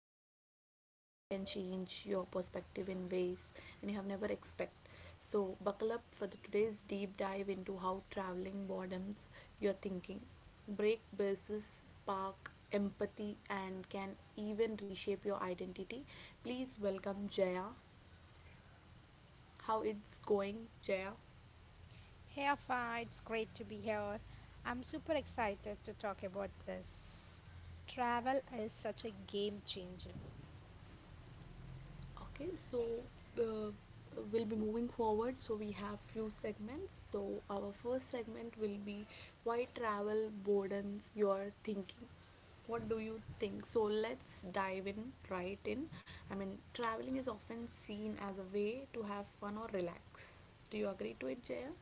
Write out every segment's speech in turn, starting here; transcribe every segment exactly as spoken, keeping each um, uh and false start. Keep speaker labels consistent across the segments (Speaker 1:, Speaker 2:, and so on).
Speaker 1: on how to travel can change your perspective in ways and you have never expected. So, buckle up for the today's deep dive into how traveling broadens your thinking, break bases, spark empathy, and can even reshape your identity. Please welcome Jaya. How it's going, Jaya?
Speaker 2: Hey Afa, it's great to be here. I'm super excited to talk about this. Travel is such a game changer.
Speaker 1: Okay, so uh, we'll be moving forward. So we have few segments. So our first segment will be why travel broadens your thinking. What do you think? So let's dive in right in. I mean, traveling is often seen as a way to have fun or relax. Do you agree to it, Jaya?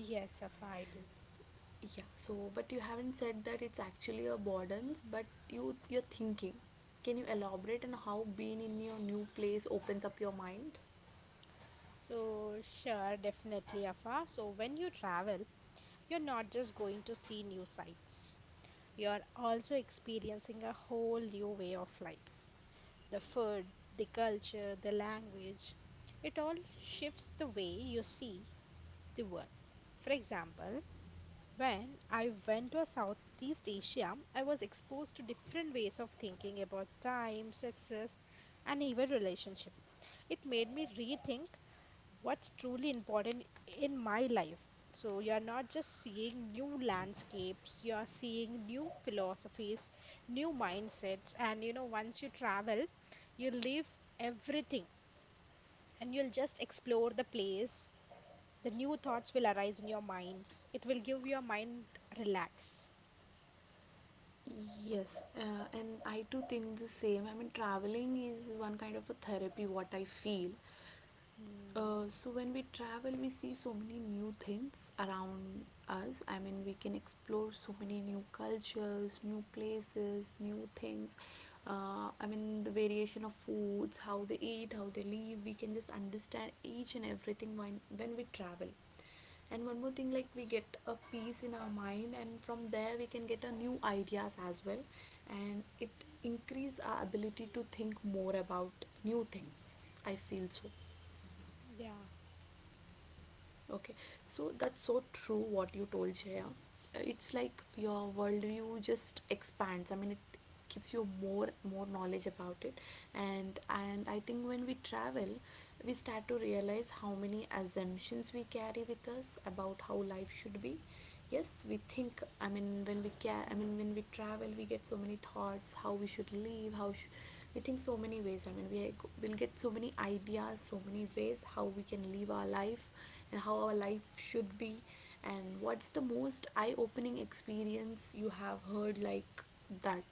Speaker 2: Yes, Afa, I do.
Speaker 1: Yeah, so but you haven't said that it's actually a burdens. But you you're thinking. Can you elaborate on how being in your new place opens up your mind?
Speaker 2: So, sure, definitely, Afa. So, when you travel, you're not just going to see new sights, you're also experiencing a whole new way of life. The food, the culture, the language, it all shifts the way you see the world. For example, when I went to Southeast Asia, I was exposed to different ways of thinking about time, success, and even relationship. It made me rethink what's truly important in my life. So you're not just seeing new landscapes, you're seeing new philosophies, new mindsets, and you know, once you travel, you leave everything and you'll just explore the place. The new thoughts will arise in your minds. It will give your mind relax.
Speaker 1: Yes, uh, and I too think the same. I mean, traveling is one kind of a therapy, what I feel.
Speaker 2: Mm,
Speaker 1: Uh, so when we travel, we see so many new things around us. I mean, we can explore so many new cultures, new places, new things. Uh, I mean, the variation of foods, how they eat, how they live. We can just understand each and everything when when we travel. And one more thing, like we get a peace in our mind, and from there we can get a new ideas as well, and it increase our ability to think more about new things. I feel so.
Speaker 2: yeah.
Speaker 1: Okay, so that's so true what you told, Jaya. Uh, It's like your worldview just expands. I mean, it gives you more more knowledge about it, and and I think when we travel, we start to realize how many assumptions we carry with us about how life should be. Yes, we think, I mean when we ca. I mean when we
Speaker 2: Mhm.
Speaker 1: travel we get so many thoughts how we should live, how sh- we think so many ways. I mean, we will get so many ideas, so many ways how we can live our life and how our life should be. And what's the most eye opening experience you have heard like that?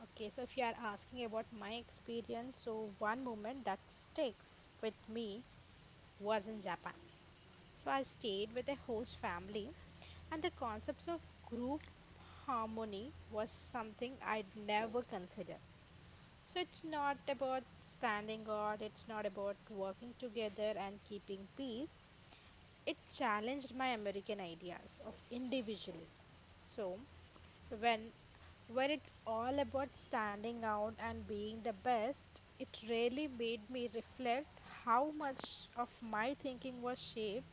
Speaker 2: Okay, so if you are asking about my experience, so one moment that sticks with me was in Japan. So I stayed with a host family, and the concepts of group harmony was something I'd never considered. So it's not about standing guard, it's not about working together and keeping peace. It challenged my American ideas of individualism. So, when where it's all about standing out and being the best, it really made me reflect how much of my thinking was shaped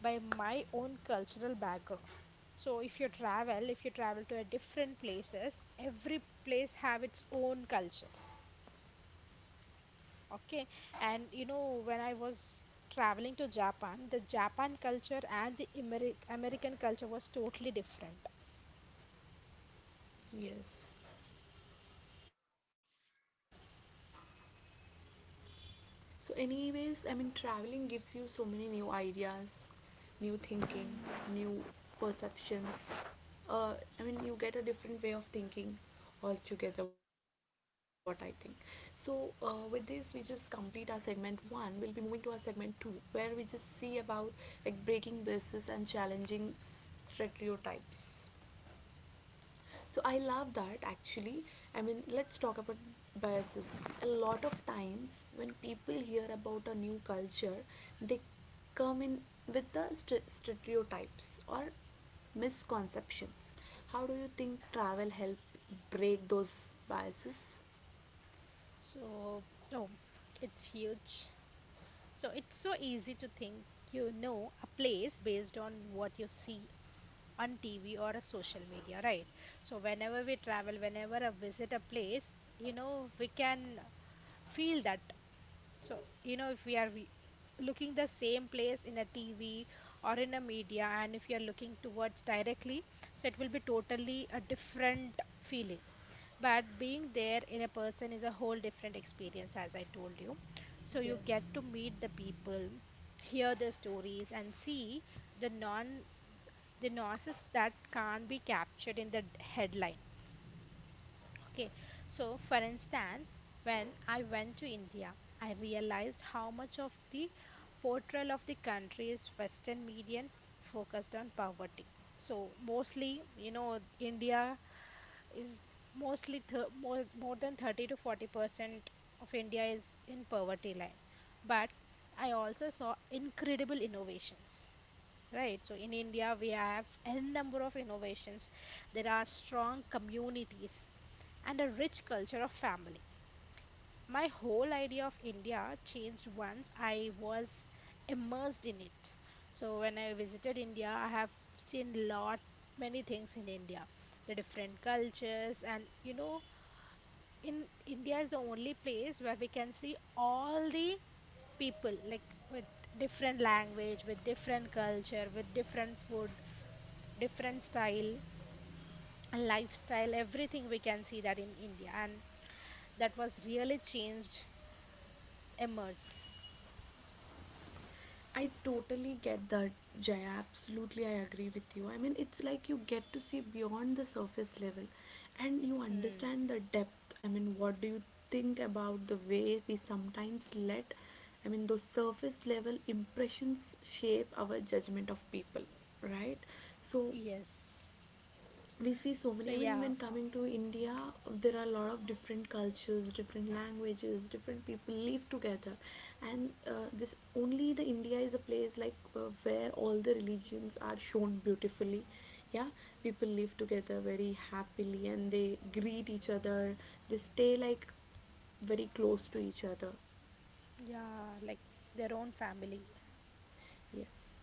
Speaker 2: by my own cultural background. So if you travel, if you travel to a different places, every place have its own culture. Okay. And you know, when I was traveling to Japan, the Japan culture and the Ameri American culture was totally different.
Speaker 1: Yes. So anyways, I mean, traveling gives you so many new ideas, new thinking, new perceptions. Uh, I mean, you get a different way of thinking altogether, what I think. So uh, with this, we just complete our segment one. We'll be moving to our segment two, where we just see about like breaking bases and challenging stereotypes. So I love that actually. I mean, let's talk about biases. A lot of times when people hear about a new culture, they come in with the st- stereotypes or misconceptions. How do you think travel help break those biases?
Speaker 2: So, oh, it's huge. So it's so easy to think you know a place based on what you see on T V or a social media, right? So whenever we travel, whenever I visit a place, you know, we can feel that. So, you know, if we are re- looking the same place in a T V or in a media, and if you're looking towards directly, so it will be totally a different feeling. But being there in a person is a whole different experience, as I told you. So you
Speaker 1: Yes.
Speaker 2: get to meet the people, hear their stories, and see the non the nuances that can't be captured in the d- headline. Okay, so for instance, when I went to India, I realized how much of the portrayal of the country's Western media focused on poverty. So mostly, you know, India is mostly th- more, more than thirty to forty percent of India is in poverty line. But I also saw incredible innovations, right? So in India, we have n number of innovations. There are strong communities and a rich culture of family. My whole idea of India changed once I was immersed in it. So when I visited India, I have seen lot many things in India, the different cultures, and you know, in India is the only place where we can see all the people, like, with different language, with different culture, with different food, different style, lifestyle, everything we can see that in India. And that was really changed, emerged.
Speaker 1: I totally get that, Jaya. Absolutely, I agree with you. I mean, it's like you get to see beyond the surface level and you
Speaker 2: Hmm.
Speaker 1: understand the depth. I mean, what do you think about the way we sometimes let, I mean, those surface level impressions shape our judgment of people, right? So,
Speaker 2: Yes.
Speaker 1: we see so
Speaker 2: So
Speaker 1: many, I mean,
Speaker 2: yeah,
Speaker 1: when
Speaker 2: fa
Speaker 1: coming to India there are a lot of different cultures, different languages, different people live together. And uh, this only the India is a place like uh, where all the religions are shown beautifully. Yeah, people live together very happily and they greet each other. They stay like very close to each other.
Speaker 2: yeah, like their own family.
Speaker 1: Yes.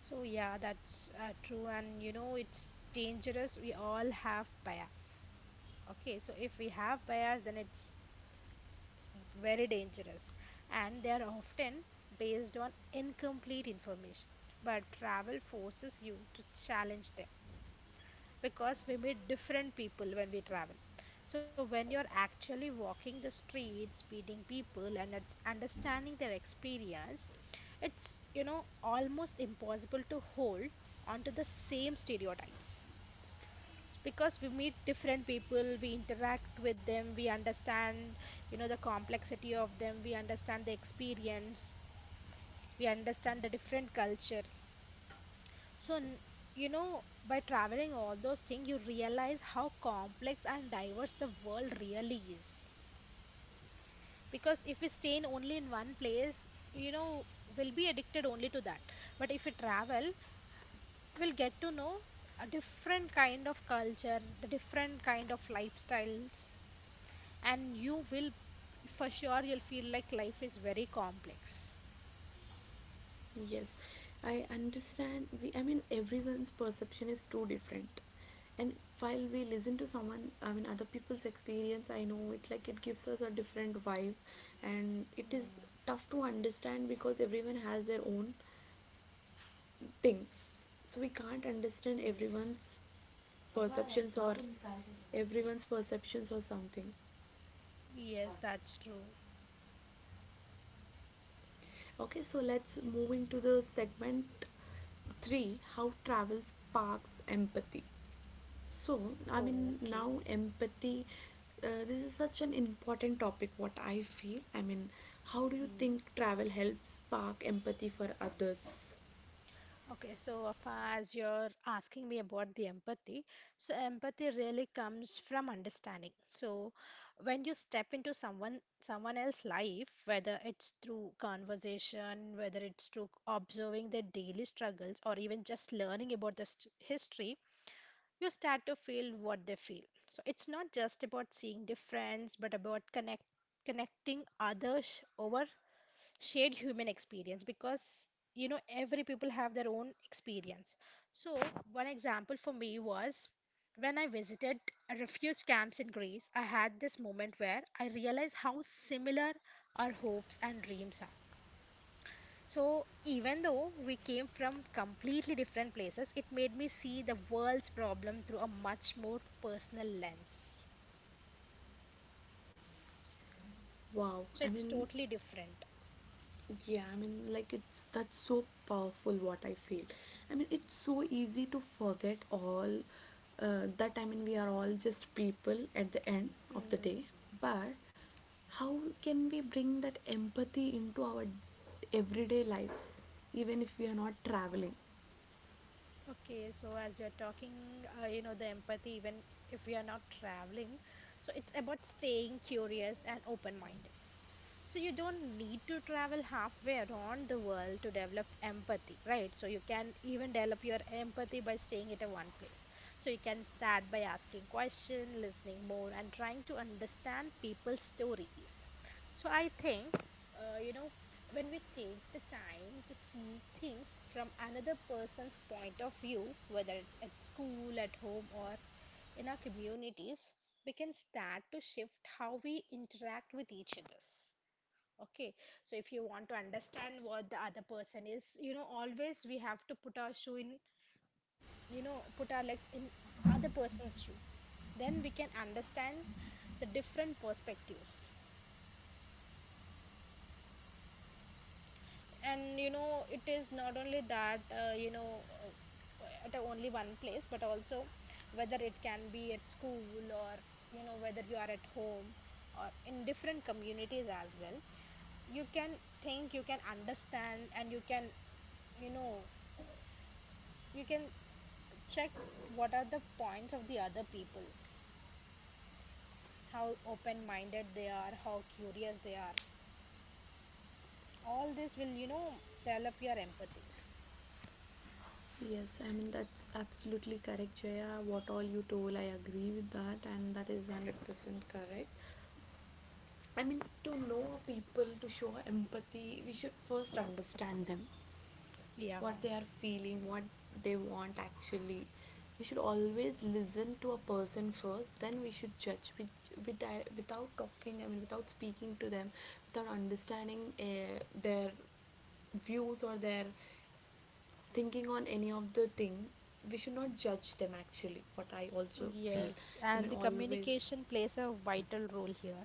Speaker 2: So yeah, that's uh, true. And you know, it's dangerous. We all have bias. Okay, so if we have bias, then it's very dangerous, and they are often based on incomplete information. But travel forces you to challenge them because we meet different people when we travel. So, when you're actually walking the streets, meeting people, and it's understanding their experience, it's you know almost impossible to hold onto the same stereotypes, because we meet different people, we interact with them, we understand, you know, the complexity of them, we understand the experience, we understand the different culture. So n- you know, by traveling all those things, you realize how complex and diverse the world really is, because if we stay in only in one place, you know, we'll be addicted only to that. But if we travel, we'll get to know a different kind of culture, the different kind of lifestyles, and you will, for sure, you'll feel like life is very complex.
Speaker 1: Yes, I understand. We, I mean, everyone's perception is too different. And while we listen to someone, I mean, other people's experience, I know it's like it gives us a different vibe. And it is
Speaker 2: Mm,
Speaker 1: tough to understand because everyone has their own things, so we can't understand
Speaker 2: yes.
Speaker 1: everyone's perceptions or everyone's perceptions or something.
Speaker 2: Yes, that's true.
Speaker 1: Okay, so let's move into the segment three, how travel sparks empathy. So, I mean,
Speaker 2: Oh, okay.
Speaker 1: now empathy, uh, this is such an important topic, what I feel. I mean, how do you
Speaker 2: Hmm.
Speaker 1: think travel helps spark empathy for others?
Speaker 2: Okay, so uh, as you're asking me about the empathy, so empathy really comes from understanding. So when you step into someone someone else's life, whether it's through conversation, whether it's through observing their daily struggles, or even just learning about the st- history, you start to feel what they feel. So it's not just about seeing difference, but about connect connecting others over shared human experience, because you know every people have their own experience. So one example for me was when I visited refugee camps in Greece, I had this moment where I realized how similar our hopes and dreams are. So, even though we came from completely different places, it made me see the world's problem through a much more personal lens.
Speaker 1: Wow.
Speaker 2: So,
Speaker 1: I
Speaker 2: it's
Speaker 1: mean,
Speaker 2: totally different.
Speaker 1: yeah, I mean, like, it's, that's so powerful, what I feel. I mean, it's so easy to forget all uh, that, I mean, we are all just people at the end of the day.
Speaker 2: Hmm.
Speaker 1: But how can we bring that empathy into our everyday lives, even if we are not traveling?
Speaker 2: Okay, so as you're talking, uh, you know, the empathy, even if we are not traveling, so it's about staying curious and open-minded. So you don't need to travel halfway around the world to develop empathy, right? So you can even develop your empathy by staying at a one place. So you can start by asking questions, listening more, and trying to understand people's stories. So I think, uh, you know, when we take the time to see things from another person's point of view, whether it's at school, at home, or in our communities, we can start to shift how we interact with each other. Okay, so if you want to understand what the other person is, you know, always we have to put our shoe in, you know, put our legs in other person's shoe. Then we can understand the different perspectives. And you know, it is not only that, uh, you know, uh, at a only one place, but also whether it can be at school or, you know, whether you are at home or in different communities as well. You can think, you can understand, and you can, you know, you can check what are the points of the other people's, how open minded they are, how curious they are. All this will, you know, develop your empathy.
Speaker 1: Yes, I mean that's absolutely correct, Jaya. What all you told, I agree with that, and that is one hundred percent correct. I mean, to know people, to show empathy, we should first understand them,
Speaker 2: Yeah.
Speaker 1: what they are feeling, what they want actually. We should always listen to a person first, then we should judge. We, we di- without talking, I mean, without speaking to them, without understanding uh, their views or their thinking on any of the thing, we should not judge them actually, what I also feel.
Speaker 2: Yes,
Speaker 1: I
Speaker 2: and
Speaker 1: mean,
Speaker 2: the
Speaker 1: always,
Speaker 2: communication plays a vital role here.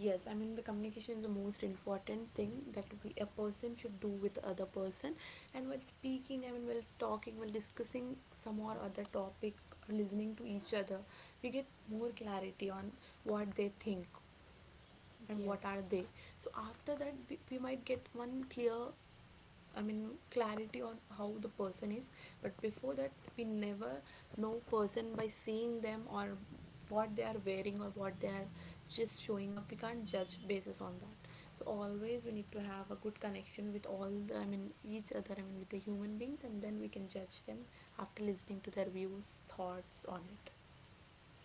Speaker 1: yes, I mean, the communication is the most important thing that we a person should do with the other person. And while speaking, I mean, while talking, while discussing some or other topic, listening to each other, we get more
Speaker 2: Mm.
Speaker 1: clarity on what they think and what are
Speaker 2: Yes.
Speaker 1: they. So after that we, we might get one clear, I mean, clarity on how the person is. But before that, we never know person by seeing them or what they are wearing or what they are just showing up. We can't judge basis on that. So always we need to have a good connection with all the, I mean, each other, I mean, with the human beings, and then we can judge them after listening to their views, thoughts on it.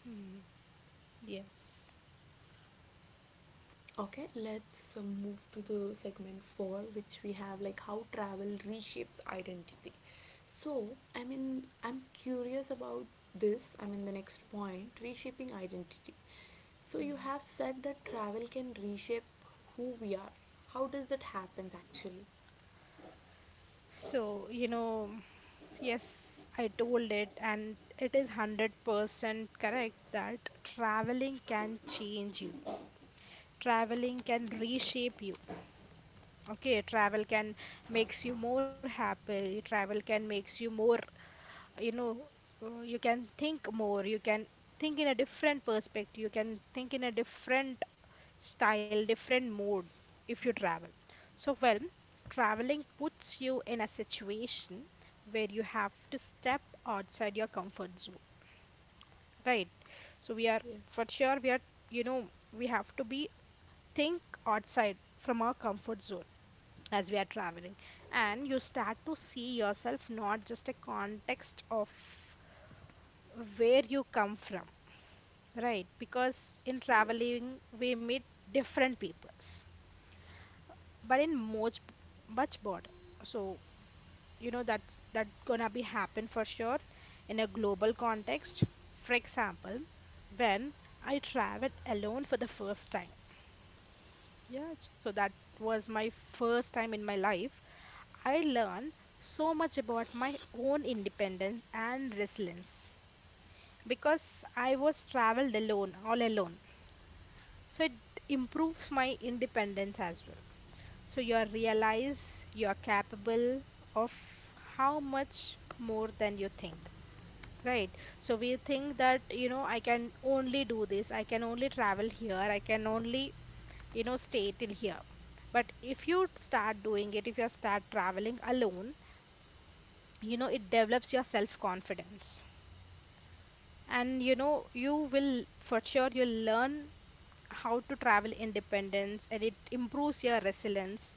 Speaker 2: Hmm. Yes.
Speaker 1: Okay, let's uh, move to the segment four, which we have like how travel reshapes identity. So, I mean, I'm curious about this. I mean, the next point reshaping identity. So,
Speaker 2: Mm.
Speaker 1: you have said that travel can reshape who we are. How does that happens actually?
Speaker 2: So, you know, yes, I told it, and it is one hundred percent correct that traveling can change you. Traveling can reshape you. Okay, travel can makes you more happy. Travel can makes you more, you know, uh, you can think more. You can think in a different perspective. You can think in a different style, different mode if you travel. So, well, traveling puts you in a situation where you have to step outside your comfort zone, right? So we are
Speaker 1: Yeah.
Speaker 2: for sure we are, you know, we have to be think outside from our comfort zone as we are traveling, and you start to see yourself not just a context of where you come from, right? Because in
Speaker 1: Yes.
Speaker 2: traveling we meet different peoples, but in much much border. So you know that's that's gonna be happen for sure in a global context. For example, when I traveled alone for the first time, yeah, so that was my first time in my life, I learn so much about my own independence and resilience, because I was traveled alone, all alone. So it improves my independence as well. So you are realize you are capable of how much more than you think. Right. So we think that, you know, I can only do this, I can only travel here, I can only, you know, stay till here. But if you start doing it, if you start traveling alone, you know it develops your self confidence, and you know you will, for sure, you'll learn how to travel independence, and it improves your resilience.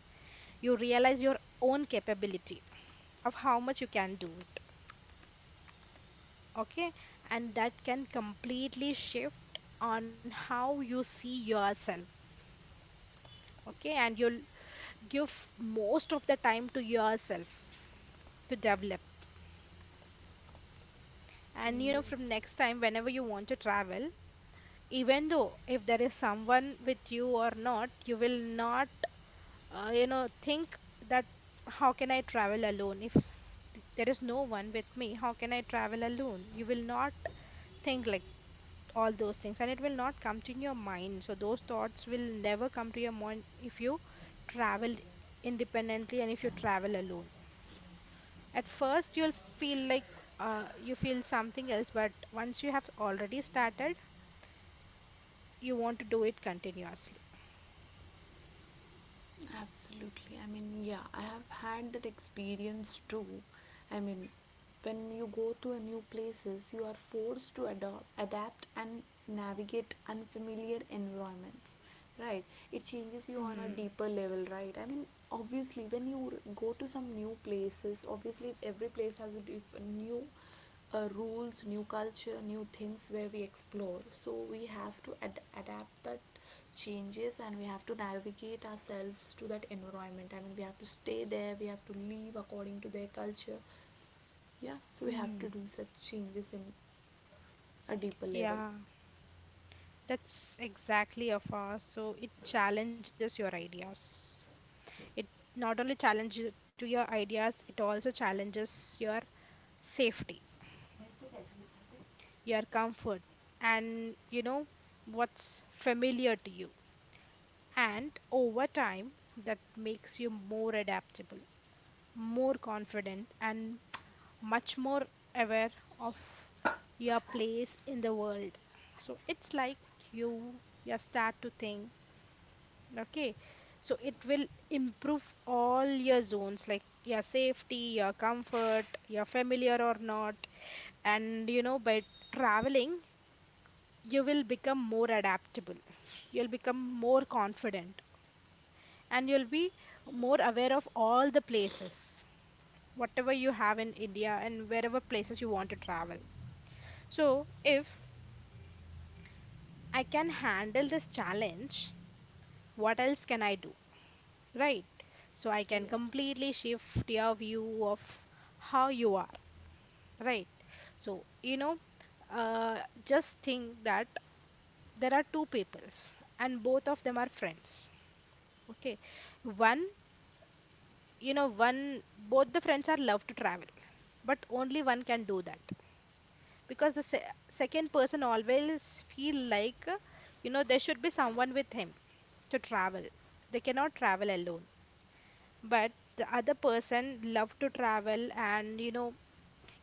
Speaker 2: You realize your own capability of how much you can do it. Okay. And that can completely shift on how you see yourself. Okay. And you'll give most of the time to yourself to develop. And you know, from
Speaker 1: Yes.
Speaker 2: next time, whenever you want to travel, even though if there is someone with you or not, you will not, uh, you know, think that how can I travel alone, if th- there is no one with me, how can I travel alone. You will not think like all those things, and it will not come to your mind. So those thoughts will never come to your mind if you travel independently. And if you travel alone, at first you'll feel like, uh, you feel something else, but once you have already started, you want to do it continuously.
Speaker 1: Absolutely. I mean, yeah, I have had that experience too. I mean, when you go to a new places, you are forced to adopt, adapt and navigate unfamiliar environments, right? It changes you on a
Speaker 2: Hmm.
Speaker 1: deeper level, right? I mean, obviously, when you r- go to some new places, obviously, if every place has a diff- new uh, rules, new culture, new things where we explore. So we have to ad- adapt that changes and we have to navigate ourselves to that environment. I mean, we have to stay there, we have to live according to their culture. Yeah, so we have to
Speaker 2: Hmm.
Speaker 1: do such changes in a deeper level.
Speaker 2: Yeah, that's exactly a far. So it challenges your ideas. It not only challenges to your ideas, it also challenges your safety, your comfort, and you know what's familiar to you. And over time, that makes you more adaptable, more confident, and much more aware of your place in the world. So it's like you you start to think, okay, so it will improve all your zones like your safety, your comfort, your familiar or not. And you know, by traveling, you will become more adaptable, you'll become more confident, and you'll be more aware of all the places, whatever you have in India and wherever places you want to travel. So, if I can handle this challenge, what else can I do, right? So I can
Speaker 1: Yeah.
Speaker 2: completely shift your view of how you are, right? So, you know, uh, just think that there are two peoples and both of them are friends, okay? One, you know, one, both the friends are love to travel, but only one can do that because the se second person always feel like, uh, you know, there should be someone with him to travel. They cannot travel alone, but the other person love to travel, and you know,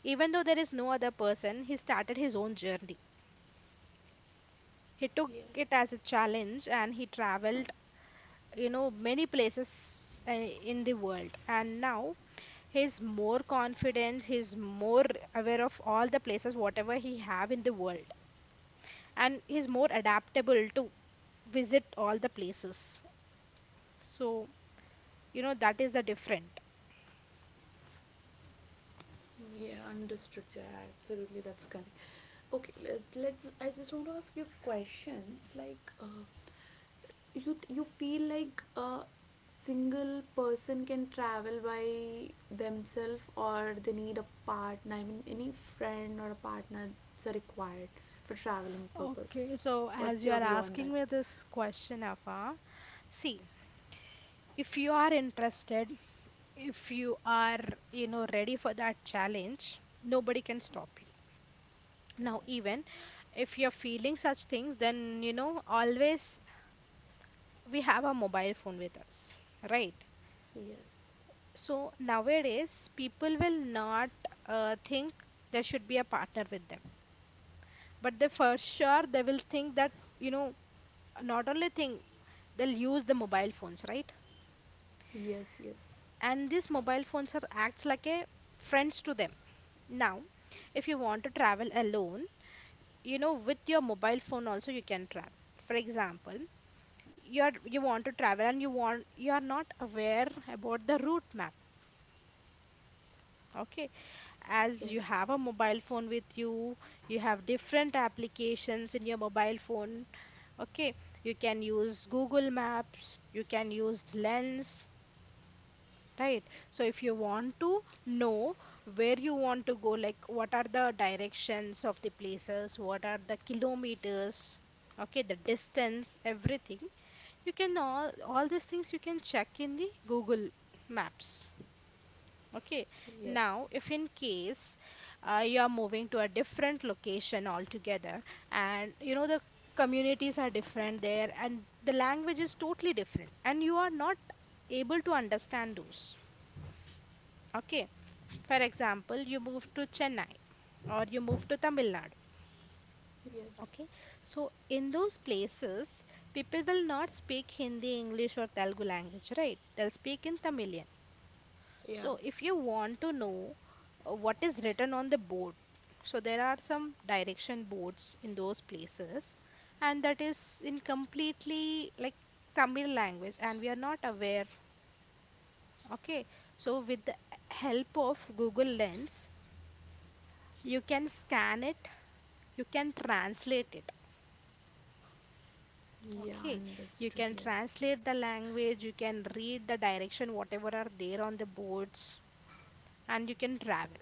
Speaker 2: even though there is no other person, he started his own journey. He took it as a
Speaker 1: Yes.
Speaker 2: challenge and he traveled, you know, many places uh, in the world. And now he's more confident, he's more aware of all the places, whatever he have in the world. And he's more adaptable to visit all the places. So, you know, that is the different.
Speaker 1: Yeah, understood. Yeah, absolutely. That's correct. Okay, let, let's. I just want to ask you questions like, uh, you th- you feel like a single person can travel by themselves or they need a partner, I mean, any friend or a partner is required for traveling purpose?
Speaker 2: Okay, so as
Speaker 1: What's
Speaker 2: you
Speaker 1: your
Speaker 2: are
Speaker 1: view on
Speaker 2: asking
Speaker 1: that?
Speaker 2: me this question, Afa, see, if you are interested, if you are, you know, ready for that challenge, nobody can stop you now. Even if you're feeling such things, then you know, always we have a mobile phone with us, right?
Speaker 1: Yes.
Speaker 2: So nowadays people will not uh, think there should be a partner with them, but they for sure they will think that, you know, not only think, they'll use the mobile phones, right?
Speaker 1: Yes, yes.
Speaker 2: And these mobile phones are acts like a friends to them. Now if you want to travel alone, you know, with your mobile phone also you can travel. For example, you are you want to travel and you want you are not aware about the route map, okay? As you have
Speaker 1: Yes.
Speaker 2: a mobile phone with you, you have different applications in your mobile phone, okay? You can use Google Maps, you can use Lens. Right. So if you want to know where you want to go, like what are the directions of the places, what are the kilometers, okay, the distance, everything, you can all all these things you can check in the Google Maps. Okay. Now,
Speaker 1: Yes.
Speaker 2: if in case uh, you are moving to a different location altogether, and you know the communities are different there, and the language is totally different, and you are not able to understand those. Okay. For example, you move to Chennai or you move to Tamil Nadu.
Speaker 1: Yes.
Speaker 2: Okay, so in those places, people will not speak Hindi, English, or Telugu language, right? They'll speak in Tamilian.
Speaker 1: Yeah.
Speaker 2: So, if you want to know uh, what is written on the board, so there are some direction boards in those places, and that is in completely like Tamil language, and we are not aware. Okay, so with the help of Google Lens, you can scan it, you can translate it,
Speaker 1: Yeah,
Speaker 2: okay,
Speaker 1: understood.
Speaker 2: you
Speaker 1: Understood.
Speaker 2: can
Speaker 1: Yes.
Speaker 2: translate the language, you can read the direction whatever are there on the boards, and you can travel,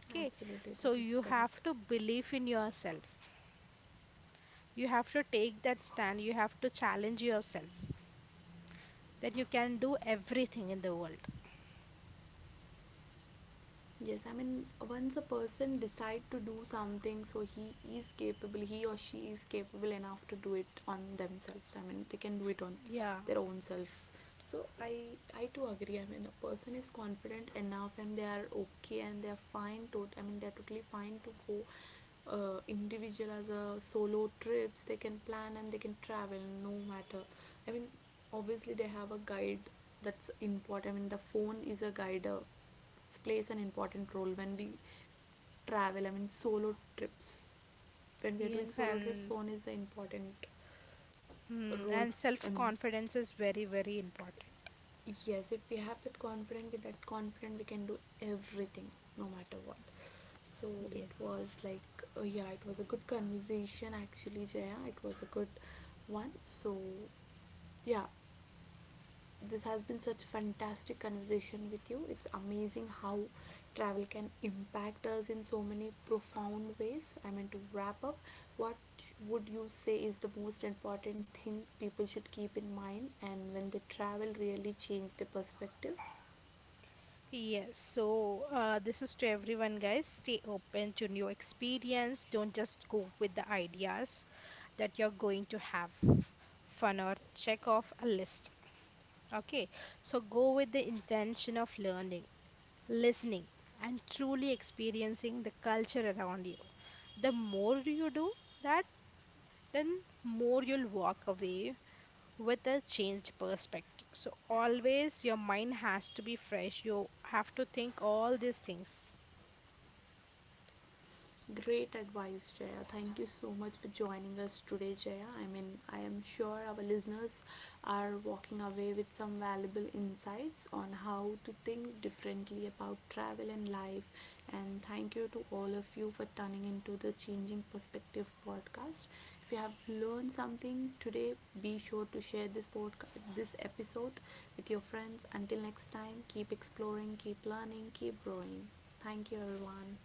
Speaker 2: okay?
Speaker 1: Absolutely,
Speaker 2: So
Speaker 1: that is
Speaker 2: you have
Speaker 1: correct.
Speaker 2: to believe in yourself, you have to take that stand, you have to challenge yourself that you can do everything in the world.
Speaker 1: Yes, I mean, once a person decide to do something, so he is capable, he or she is capable enough to do it on themselves. I mean, they can do it on
Speaker 2: Yeah.
Speaker 1: their own self. So I I too agree. I mean, a person is confident enough, and they are okay, and they are fine. To, I mean, they are totally fine to go uh, individual as a solo trips. They can plan and they can travel, no matter. I mean, obviously they have a guide, that's important. I mean, the phone is a guide, uh, plays an important role when we travel. I mean, solo trips. When we are doing
Speaker 2: Yes,
Speaker 1: solo trips,
Speaker 2: and
Speaker 1: phone is the important
Speaker 2: hmm,
Speaker 1: role.
Speaker 2: and
Speaker 1: I
Speaker 2: self
Speaker 1: mean,
Speaker 2: confidence is very very important.
Speaker 1: yes, if we have that confidence, with that confidence, we can do everything, no matter what. So it was
Speaker 2: Yes.
Speaker 1: like, uh, yeah, it was a good conversation actually, Jaya. It was a good one. So yeah, this has been such fantastic conversation with you. It's amazing how travel can impact us in so many profound ways. I mean, to wrap up, what would you say is the most important thing people should keep in mind and when they travel really change their perspective?
Speaker 2: Yes, so uh, this is to everyone, guys. Stay open to new experience. Don't just go with the ideas that you're going to have fun or check off a list. Okay, so go with the intention of learning, listening, and truly experiencing the culture around you. The more you do that, then more you'll walk away with a changed perspective. So always your mind has to be fresh. You have to think all these things
Speaker 1: Great advice, Jaya. Thank you so much for joining us today, Jaya. I mean, I am sure our listeners are walking away with some valuable insights on how to think differently about travel and life. And thank you to all of you for turning into the Changing Perspective podcast. If you have learned something today, be sure to share this podcast, this episode with your friends. Until next time, keep exploring, keep learning, keep growing. Thank you, everyone.